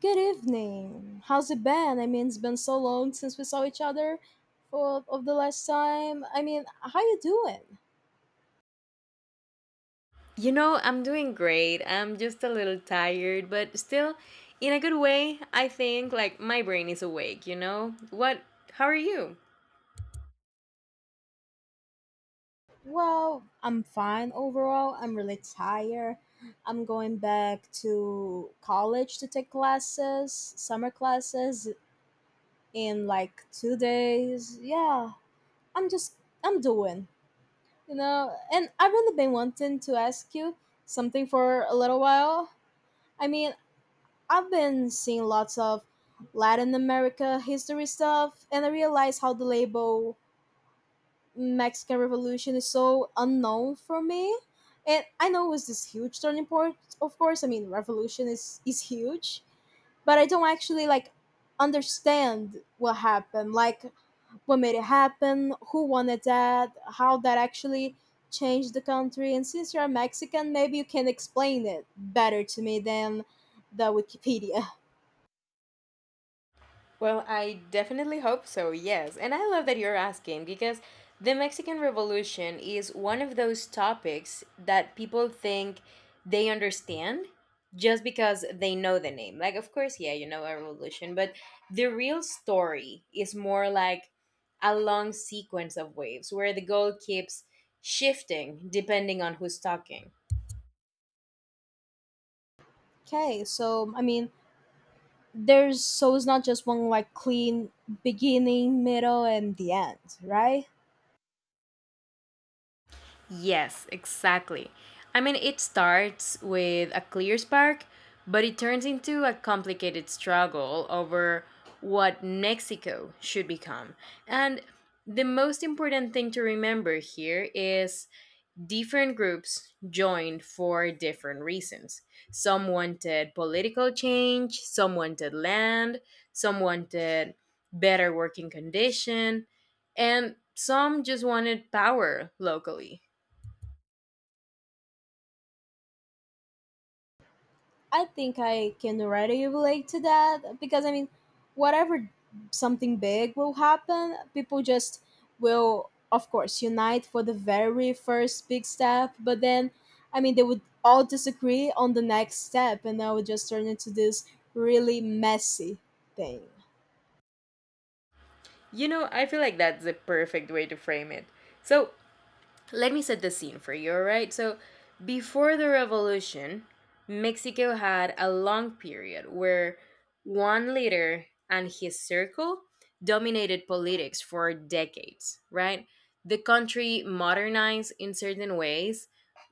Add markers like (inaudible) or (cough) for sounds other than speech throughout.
Good evening. How's it been? I mean, it's been so long since we saw each other for of the last time. I mean, how you doing? You know, I'm doing great. I'm just a little tired, but still in a good way. I think like my brain is awake, you know? What How are you? Well, I'm fine overall. I'm really tired. I'm going back to college to take classes, summer classes in like 2 days. Yeah, I'm just I'm doing, And I've really been wanting to ask you something for a little while. I mean, I've been seeing lots of Latin America history stuff, and I realize how the label Mexican Revolution is so unknown for me. And I know it was this huge turning point, of course. I mean, revolution is huge, but I don't actually like understand what happened, like what made it happen, who wanted that, how that actually changed the country. And since you're Mexican, maybe you can explain it better to me than the Wikipedia. Well, I definitely hope so, yes. And I love that you're asking because the Mexican Revolution is one of those topics that people think they understand just because they know the name. Like, of course, yeah, you know a revolution, but the real story is more like a long sequence of waves where the goal keeps shifting depending on who's talking. Okay, so I mean, there's so it's not just one like clean beginning, middle, and the end, right? Yes, exactly. I mean, it starts with a clear spark, but it turns into a complicated struggle over what Mexico should become. And the most important thing to remember here is different groups joined for different reasons. Some wanted political change, some wanted land, some wanted better working condition, and some just wanted power locally. I think I can already relate to that because I mean, whatever something big will happen, people just will, of course, unite for the very first big step, but then I mean, they would all disagree on the next step, and that would just turn into this really messy thing. You know, I feel like that's the perfect way to frame it. So, let me set the scene for you, all right? So, before the revolution, Mexico had a long period where one leader and his circle dominated politics for decades, right? The country modernized in certain ways.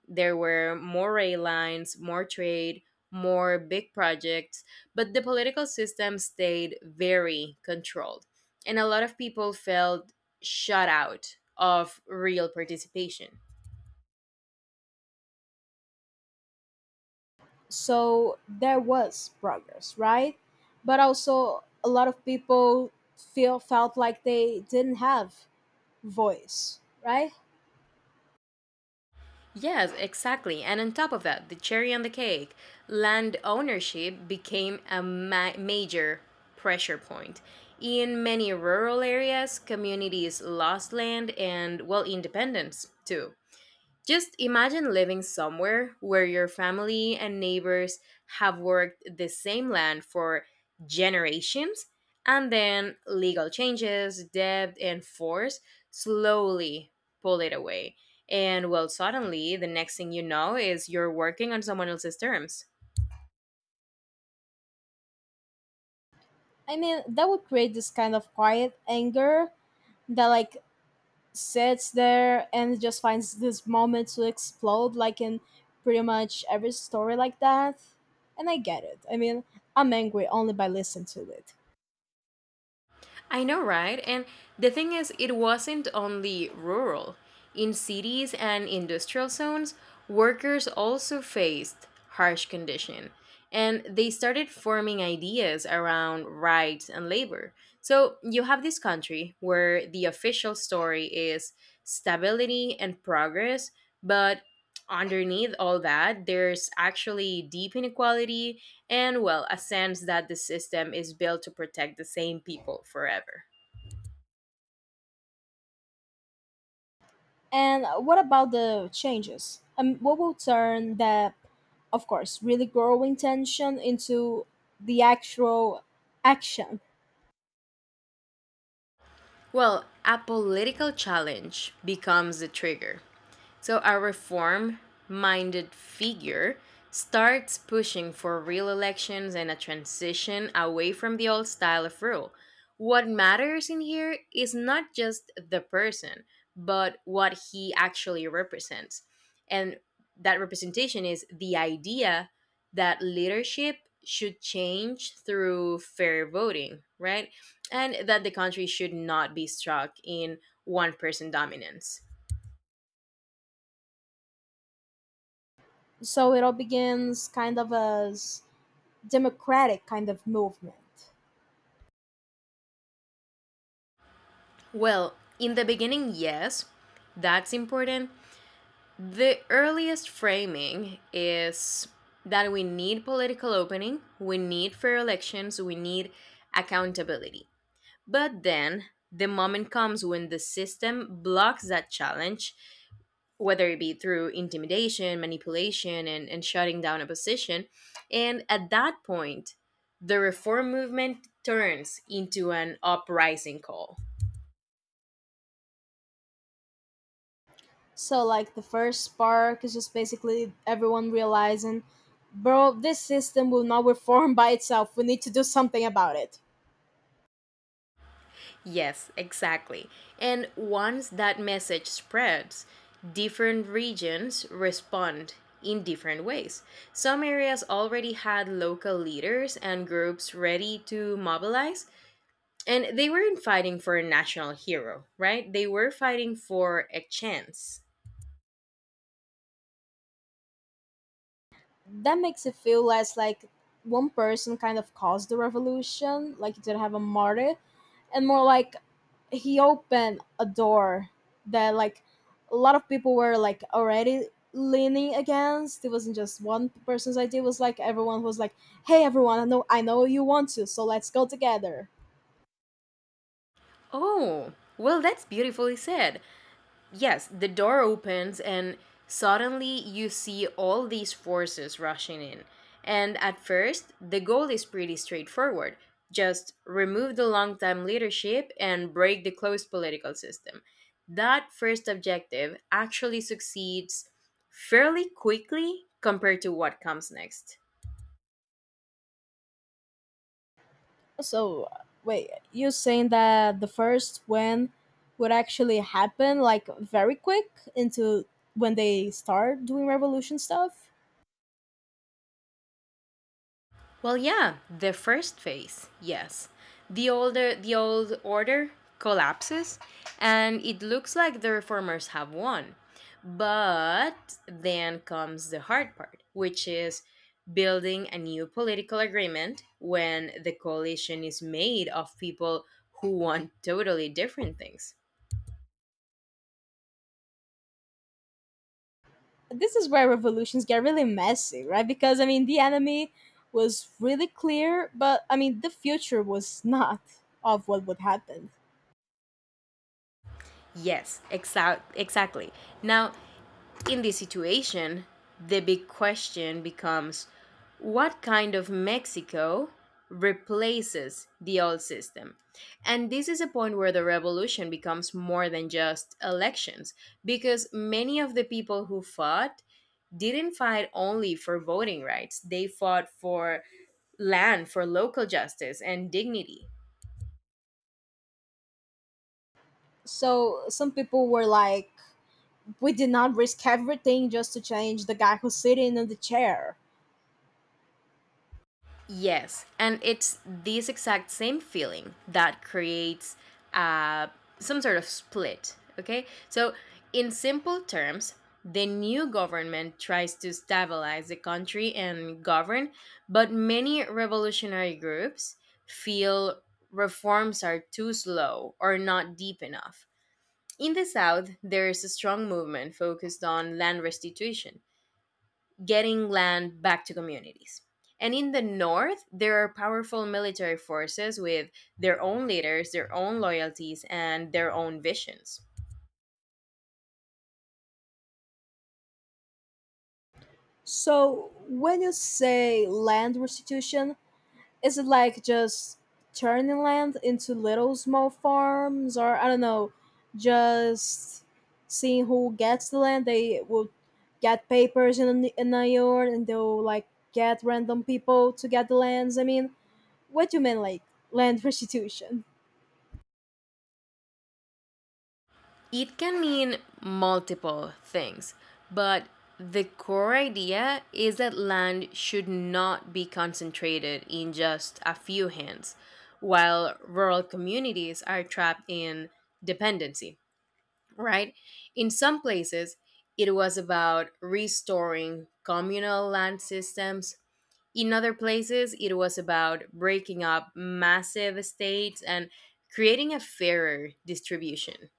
There were more rail lines, more trade, more big projects, but the political system stayed very controlled. And a lot of people felt shut out of real participation. So there was progress, right? But also a lot of people feel felt like they didn't have voice, right? Yes, exactly. And on top of that, the cherry on the cake, land ownership became a major pressure point. In many rural areas, communities lost land and, well, independence too. Just imagine living somewhere where your family and neighbors have worked the same land for generations, and then legal changes, debt, and force slowly pull it away. And well, suddenly, the next thing you know is you're working on someone else's terms. I mean, that would create this kind of quiet anger that like sits there and just finds this moment to explode like in pretty much every story like that. And I get it. I mean, I'm angry only by listening to it. I know, right? And the thing is, it wasn't only rural. In cities and industrial zones, workers also faced harsh conditions, and they started forming ideas around rights and labor. So you have this country where the official story is stability and progress, but underneath all that, there's actually deep inequality and, well, a sense that the system is built to protect the same people forever. And what about the changes? What will turn that, of course, really growing tension into the actual action? Well, a political challenge becomes the trigger. So a reform minded figure starts pushing for real elections and a transition away from the old style of rule. What matters in here is not just the person, but what he actually represents. And that representation is the idea that leadership should change through fair voting, right? And that the country should not be stuck in one person dominance. So it all begins kind of as democratic kind of movement. Well, in the beginning, yes, that's important. The earliest framing is that we need political opening, we need fair elections, we need accountability. But then the moment comes when the system blocks that challenge whether it be through intimidation, manipulation, and shutting down opposition. And at that point, the reform movement turns into an uprising call. So like the first spark is just basically everyone realizing, bro, this system will not reform by itself. We need to do something about it. Yes, exactly. And once that message spreads, different regions respond in different ways. Some areas already had local leaders and groups ready to mobilize, and they weren't fighting for a national hero, right? They were fighting for a chance. That makes it feel less like one person kind of caused the revolution, like you didn't have a martyr, and more like he opened a door that like a lot of people were like already leaning against. It wasn't just one person's idea. It was like everyone was like, "Hey, everyone! I know you want to, so let's go together." Oh, well, that's beautifully said. Yes, the door opens, and suddenly you see all these forces rushing in. And at first, the goal is pretty straightforward just remove the long time leadership and break the closed political system. That first objective actually succeeds fairly quickly compared to what comes next. So wait, you're saying that the first win would actually happen like very quick into when they start doing revolution stuff? Well, yeah, the first phase, yes. The old order collapses and it looks like the reformers have won. But then comes the hard part, which is building a new political agreement when the coalition is made of people who want totally different things. This is where revolutions get really messy, right? Because I mean the enemy was really clear, but I mean the future was not of what would happen. Yes, exactly. Now, in this situation, the big question becomes what kind of Mexico replaces the old system? And this is a point where the revolution becomes more than just elections, because many of the people who fought didn't fight only for voting rights, they fought for land, for local justice and dignity. So some people were like, we did not risk everything just to change the guy who's sitting in the chair. Yes, and it's this exact same feeling that creates uh, some sort of split. Okay, so in simple terms, the new government tries to stabilize the country and govern, but many revolutionary groups feel reforms are too slow or not deep enough. In the South, there is a strong movement focused on land restitution, getting land back to communities. And in the north, there are powerful military forces with their own leaders, their own loyalties, and their own visions. So when you say land restitution, is it like just turning land into little small farms or I don't know, just seeing who gets the land, they will get papers in in a yard and they'll like get random people to get the lands. I mean, what do you mean like land (laughs) restitution? It can mean multiple things, but the core idea is that land should not be concentrated in just a few hands, while rural communities are trapped in dependency, right? In some places, it was about restoring communal land systems. In other places, it was about breaking up massive estates and creating a fairer distribution.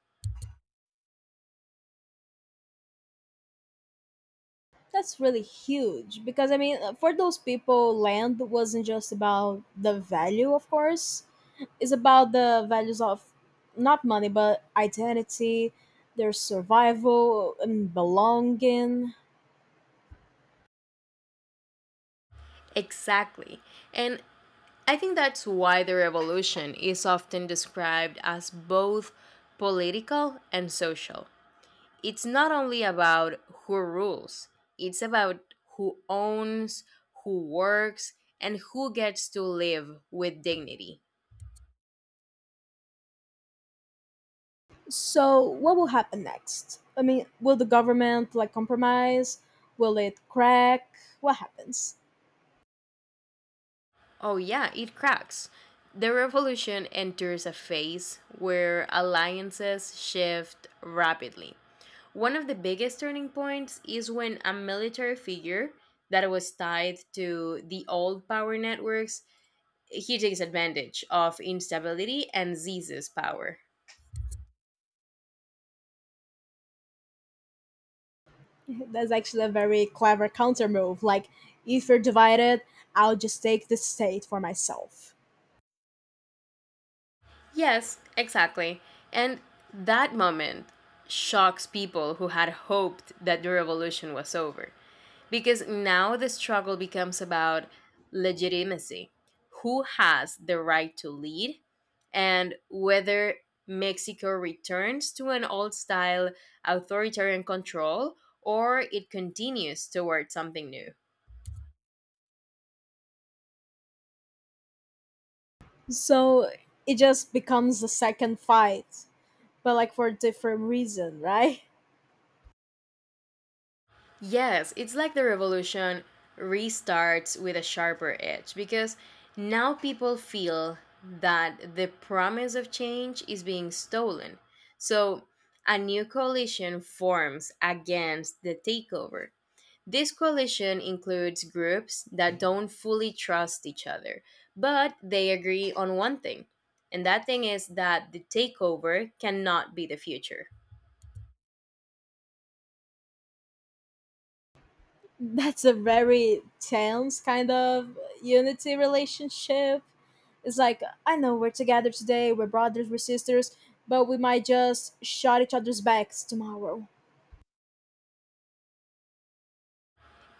That's really huge because I mean for those people land wasn't just about the value, of course is about the values of not money but identity, their survival and belonging. Exactly. And I think that's why the revolution is often described as both political and social. It's not only about who rules, it's about who owns, who works, and who gets to live with dignity. So what will happen next? I mean, will the government like compromise? Will it crack? What happens? Oh, yeah, it cracks. The revolution enters a phase where alliances shift rapidly. One of the biggest turning points is when a military figure that was tied to the old power networks he takes advantage of instability and seizes power. (laughs) That's actually a very clever counter move. Like, if you're divided, I'll just take the state for myself. Yes, exactly. And that moment shocks people who had hoped that the revolution was over. Because now the struggle becomes about legitimacy who has the right to lead, and whether Mexico returns to an old style authoritarian control or it continues towards something new. So it just becomes the second fight, but like for a different reason, right? Yes, it's like the revolution restarts with a sharper edge because now people feel that the promise of change is being stolen. So a new coalition forms against the takeover. This coalition includes groups that don't fully trust each other, but they agree on one thing, and that thing is that the takeover cannot be the future. That's a very tense kind of unity relationship. It's like, I know we're together today, we're brothers, we're sisters, but we might just shot each other's backs tomorrow.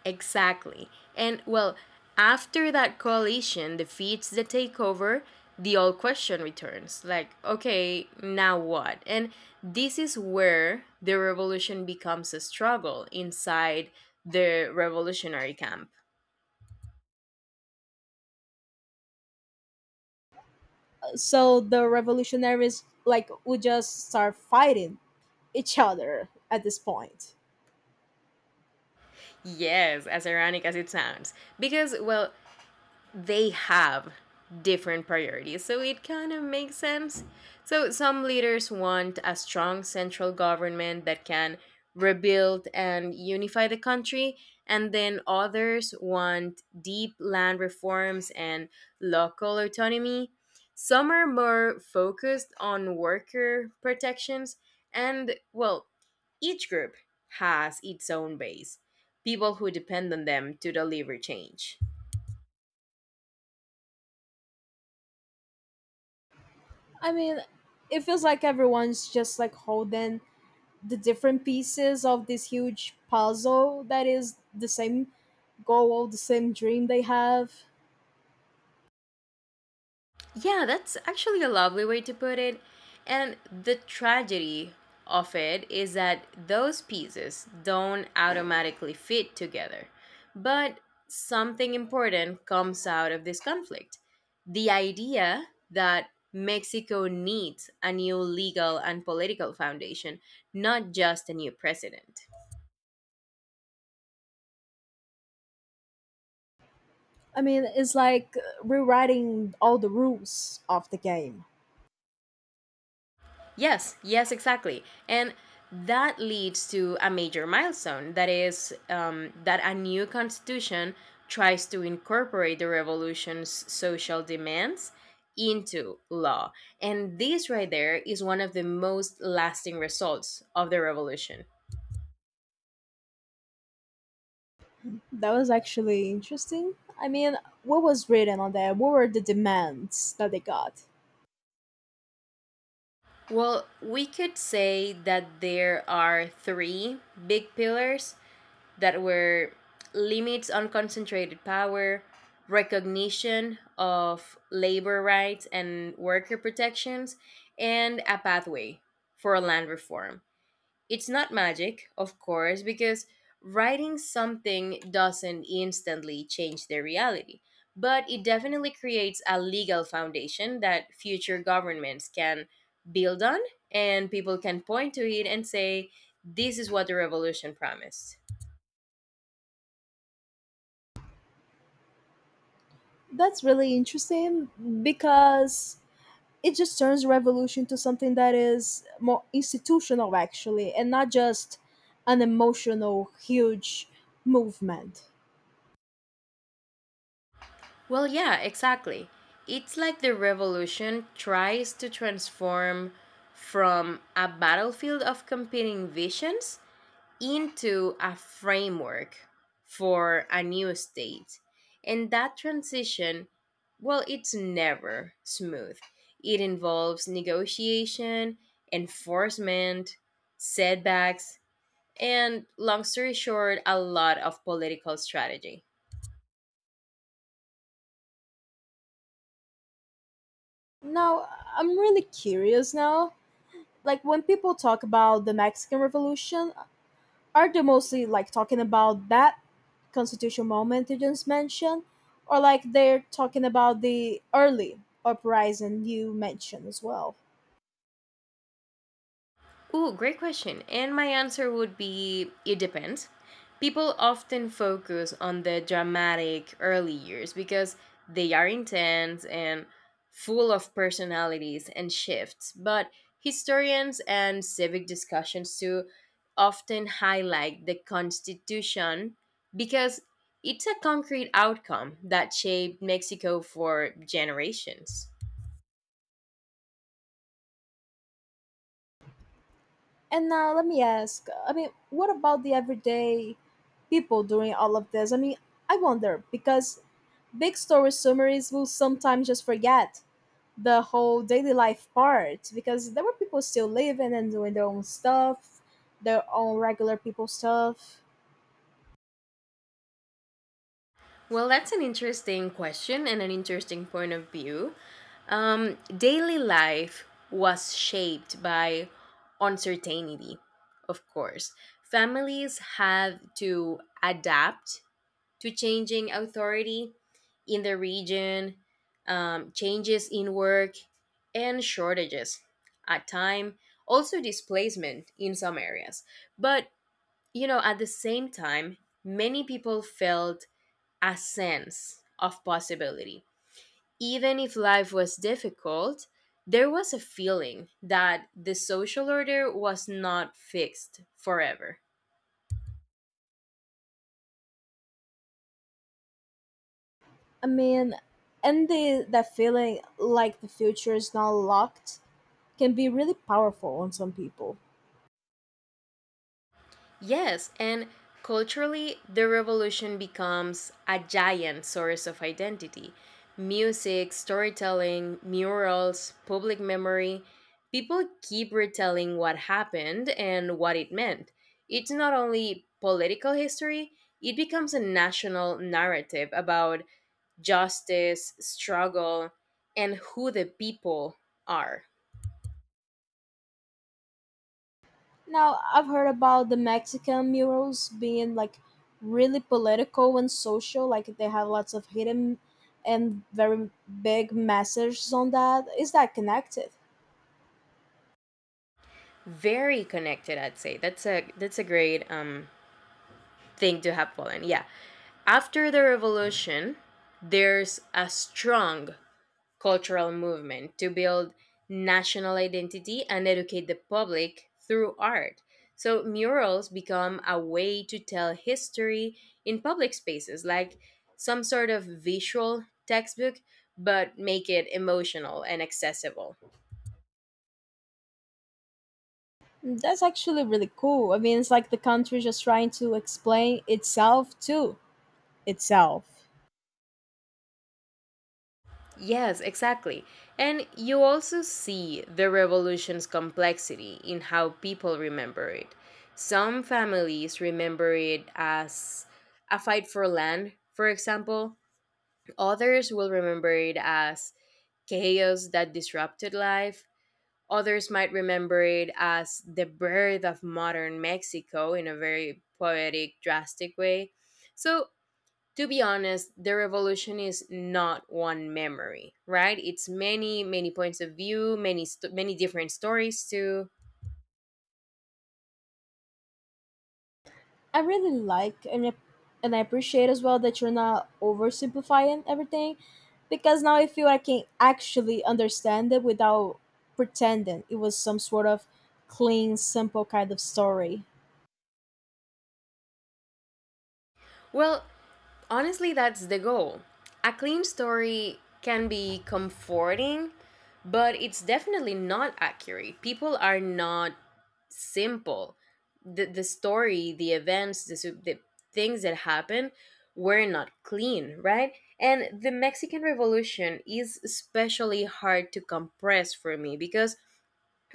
Exactly. And well, after that coalition defeats the takeover, the old question returns like, okay, now what? And this is where the revolution becomes a struggle inside the revolutionary camp. So the revolutionaries, like, would just start fighting each other at this point. Yes, as ironic as it sounds. Because, well, they have different priorities. So it kind of makes sense. So some leaders want a strong central government that can rebuild and unify the country, and then others want deep land reforms and local autonomy. Some are more focused on worker protections, and well, each group has its own base, people who depend on them to deliver change. I mean, it feels like everyone's just like holding the different pieces of this huge puzzle that is the same goal, the same dream they have. Yeah, that's actually a lovely way to put it. And the tragedy of it is that those pieces don't automatically fit together. But something important comes out of this conflict the idea that Mexico needs a new legal and political foundation, not just a new president. I mean, it's like rewriting all the rules of the game. Yes, yes, exactly. And that leads to a major milestone that is, that a new constitution tries to incorporate the revolution's social demands into law. And this right there is one of the most lasting results of the revolution. That was actually interesting. I mean, what was written on there? What were the demands that they got? Well, we could say that there are three big pillars that were limits on concentrated power, recognition of labor rights and worker protections, and a pathway for land reform. It's not magic, of course, because writing something doesn't instantly change the reality, but it definitely creates a legal foundation that future governments can build on and people can point to it and say, this is what the revolution promised. That's really interesting because it just turns revolution to something that is more institutional, actually, and not just an emotional, huge movement. Well, yeah, exactly. It's like the revolution tries to transform from a battlefield of competing visions into a framework for a new state. And that transition, well, it's never smooth. It involves negotiation, enforcement, setbacks, and long story short, a lot of political strategy. Now, I'm really curious now. Like, when people talk about the Mexican Revolution, are they mostly like talking about that constitutional moment you just mentioned? Or like they're talking about the early uprising you mentioned as well. Ooh, great question. And my answer would be it depends. People often focus on the dramatic early years because they are intense and full of personalities and shifts. But historians and civic discussions too often highlight the Constitution because it's a concrete outcome that shaped Mexico for generations. And now let me ask, I mean, what about the everyday people doing all of this? I mean, I wonder because big story summaries will sometimes just forget the whole daily life part because there were people still living and doing their own stuff, their own regular people stuff. Well, that's an interesting question and an interesting point of view. Daily life was shaped by uncertainty, of course. Families had to adapt to changing authority in the region, changes in work, and shortages at time, also displacement in some areas. But, at the same time, many people felt a sense of possibility. Even if life was difficult, there was a feeling that the social order was not fixed forever. I mean, and the that feeling like the future is not locked can be really powerful on some people. Yes, and culturally, the revolution becomes a giant source of identity. Music, storytelling, murals, public memory. People keep retelling what happened and what it meant. It's not only political history, it becomes a national narrative about justice, struggle, and who the people are. Now, I've heard about the Mexican murals being like really political and social, like they have lots of hidden and very big messages on that. Is that connected? Very connected, I'd say. That's a great thing to have Poland. Yeah. After the revolution, there's a strong cultural movement to build national identity and educate the public through art. So murals become a way to tell history in public spaces, like some sort of visual textbook, but make it emotional and accessible. That's actually really cool. I mean, it's like the country just trying to explain itself to itself. Yes, exactly. And you also see the revolution's complexity in how people remember it. Some families remember it as a fight for land, for example. Others will remember it as chaos that disrupted life. Others might remember it as the birth of modern Mexico in a very poetic, drastic way. So to be honest, the revolution is not one memory, right? It's many, many points of view, many, many different stories too. I really like and I appreciate as well that you're not oversimplifying everything, because now I feel I can actually understand it without pretending it was some sort of clean, simple kind of story. Well, honestly, that's the goal. A clean story can be comforting, but it's definitely not accurate. People are not simple. The story, the events, the things that happened were not clean, right? And the Mexican Revolution is especially hard to compress for me because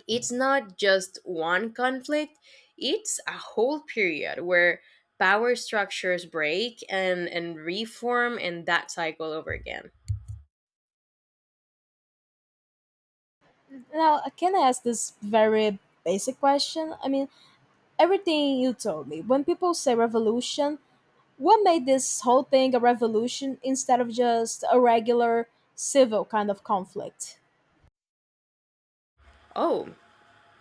it's not just one conflict, it's a whole period where power structures break and reform and that cycle over again. Now, I can ask this very basic question. I mean, everything you told me. When people say revolution, what made this whole thing a revolution instead of just a regular civil kind of conflict? Oh,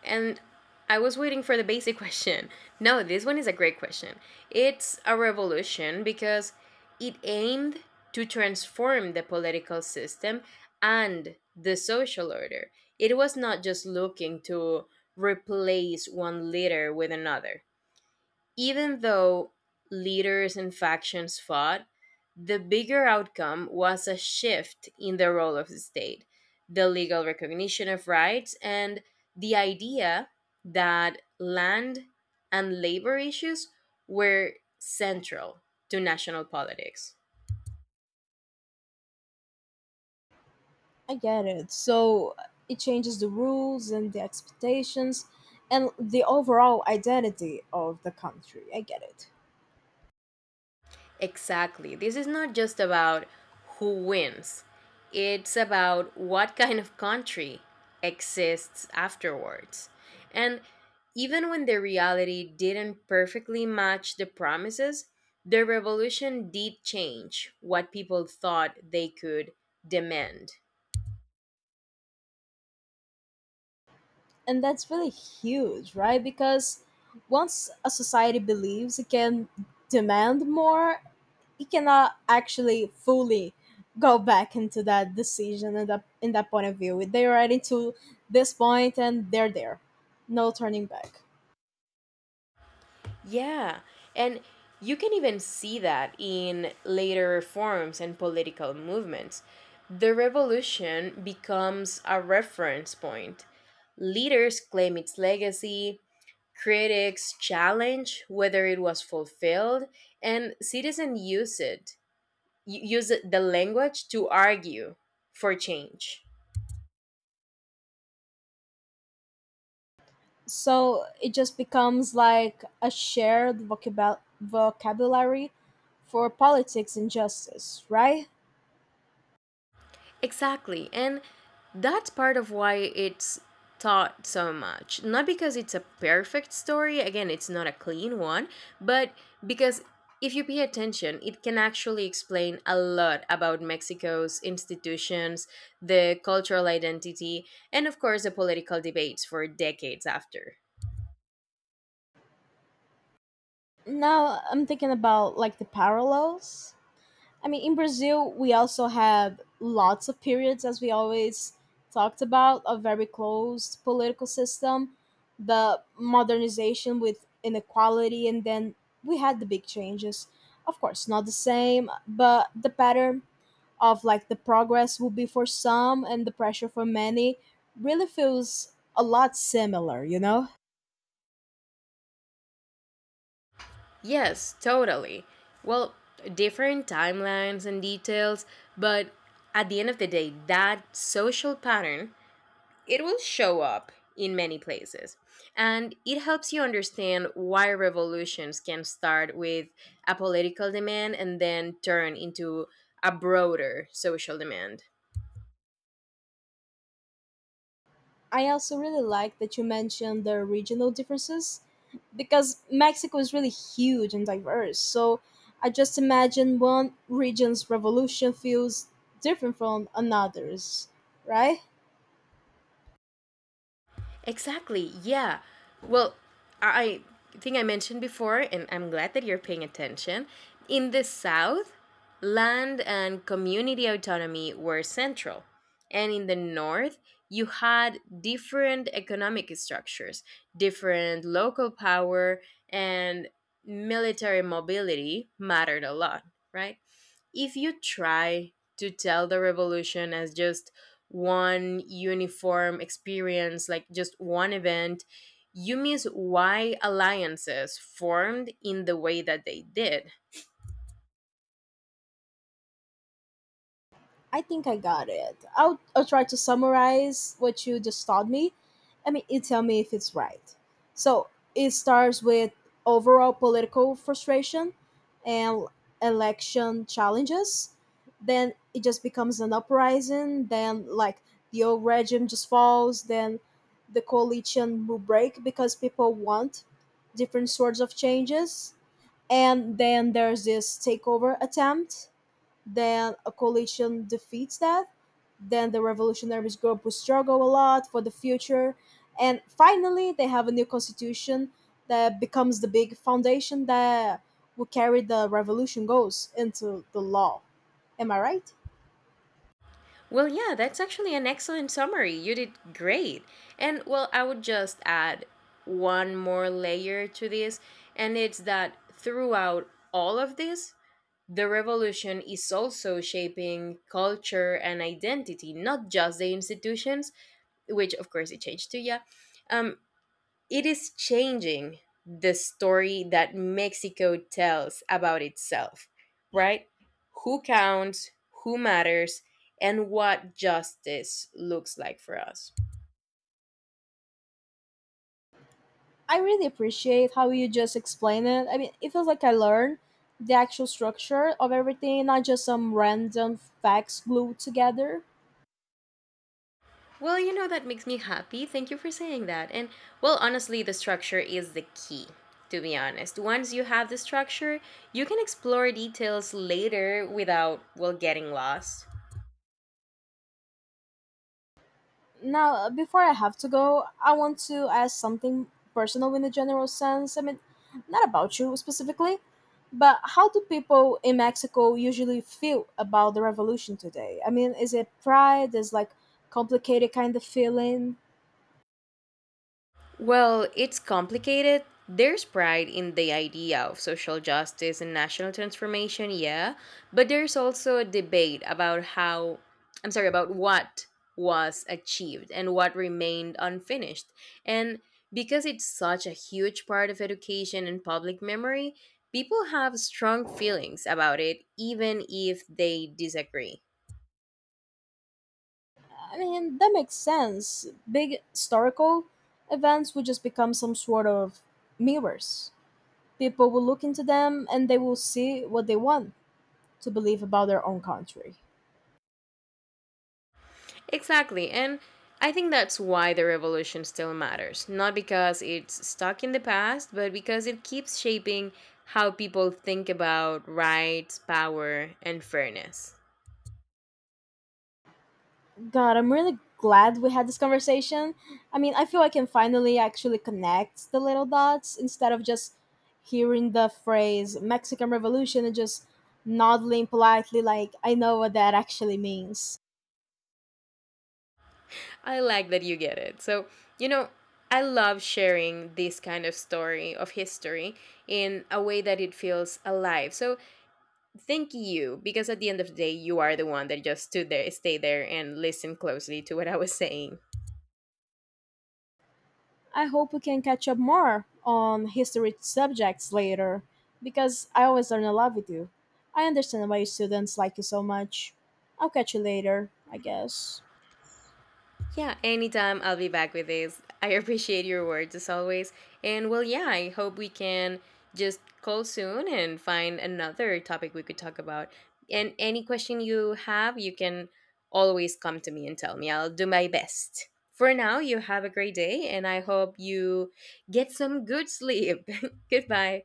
and I was waiting for the basic (laughs) question. No, this one is a great question. It's a revolution because it aimed to transform the political system and the social order. It was not just looking to replace one leader with another. Even though leaders and factions fought, the bigger outcome was a shift in the role of the state, the legal recognition of rights, and the idea that land and labor issues were central to national politics. I get it. So it changes the rules and the expectations and the overall identity of the country. I get it. Exactly. This is not just about who wins, it's about what kind of country exists afterwards. And even when the reality didn't perfectly match the promises, the revolution did change what people thought they could demand. And that's really huge, right? Because once a society believes it can demand more, it cannot actually fully go back into that decision and that in that point of view. They're already to this point and they're there. No turning back. Yeah. And you can even see that in later reforms and political movements. The revolution becomes a reference point. Leaders claim its legacy, critics challenge whether it was fulfilled, and citizens use the language to argue for change. So it just becomes like a shared vocabulary for politics and justice, right? Exactly. And that's part of why it's taught so much. Not because it's a perfect story, again, it's not a clean one, but because if you pay attention, it can actually explain a lot about Mexico's institutions, the cultural identity, and of course the political debates for decades after. Now I'm thinking about like the parallels. I mean, in Brazil we also have lots of periods as we always talked about, a very closed political system, the modernization with inequality, and then we had the big changes. Of course not the same, but the pattern of like the progress will be for some and the pressure for many really feels a lot similar, you know? Yes, totally. Well, different timelines and details, but at the end of the day, that social pattern it will show up in many places. And it helps you understand why revolutions can start with a political demand and then turn into a broader social demand. I also really like that you mentioned the regional differences because Mexico is really huge and diverse. So I just imagine one region's revolution feels different from another's, right? Exactly. Yeah. Well, I I think I mentioned before, and I'm glad that you're paying attention. In the South, land and community autonomy were central. And in the North, you had different economic structures, different local power, and military mobility mattered a lot, right? If you try to tell the revolution as just one uniform experience, like just one event, you miss why alliances formed in the way that they did. I think I got it. I'll try to summarize what you just taught me. I mean, you tell me if it's right. So it starts with overall political frustration and election challenges. Then it just becomes an uprising. Then, like, the old regime just falls. Then the coalition will break because people want different sorts of changes. And then there's this takeover attempt, then a coalition defeats that, then the revolutionaries group will struggle a lot for the future, and finally they have a new constitution that becomes the big foundation that will carry the revolution goals into the law. Am I right? Well, yeah, that's actually an excellent summary. You did great. And well, I would just add one more layer to this, and it's that throughout all of this, the revolution is also shaping culture and identity, not just the institutions, which of course it changed to, yeah, um, it is changing the story that Mexico tells about itself, right? Who counts, who matters, and what justice looks like for us. I really appreciate how you just explain it. I mean, it feels like I learned the actual structure of everything, not just some random facts glued together. Well, you know, that makes me happy. Thank you for saying that. And well, honestly, the structure is the key, to be honest. Once you have the structure, you can explore details later without, well, getting lost. Now, before I have to go, I want to ask something personal in a general sense. I mean, not about you specifically, but how do people in Mexico usually feel about the revolution today? I mean, is it pride? Is like complicated kind of feeling? Well, it's complicated. There's pride in the idea of social justice and national transformation, yeah, but there's also a debate about how, I'm sorry, about what was achieved and what remained unfinished. And because it's such a huge part of education and public memory, people have strong feelings about it, even if they disagree. I mean, that makes sense. Big historical events would just become some sort of mirrors. People will look into them and they will see what they want to believe about their own country. Exactly. And I think that's why the revolution still matters. Not because it's stuck in the past, but because it keeps shaping how people think about rights, power, and fairness. God, I'm really glad we had this conversation. I mean, I feel I can finally actually connect the little dots instead of just hearing the phrase Mexican Revolution and just nodding politely like I know what that actually means. I like that you get it. So, you know, I love sharing this kind of story of history in a way that it feels alive. So, thank you, because at the end of the day, you are the one that just stood there, stayed there, and listened closely to what I was saying. I hope we can catch up more on history subjects later because I always learn a lot with you. I understand why your students like you so much. I'll catch you later, I guess. Yeah, anytime I'll be back with this. I appreciate your words as always. And well, yeah, I hope we can just call soon and find another topic we could talk about. And any question you have, you can always come to me and tell me. I'll do my best. For now, you have a great day, and I hope you get some good sleep. (laughs) Goodbye.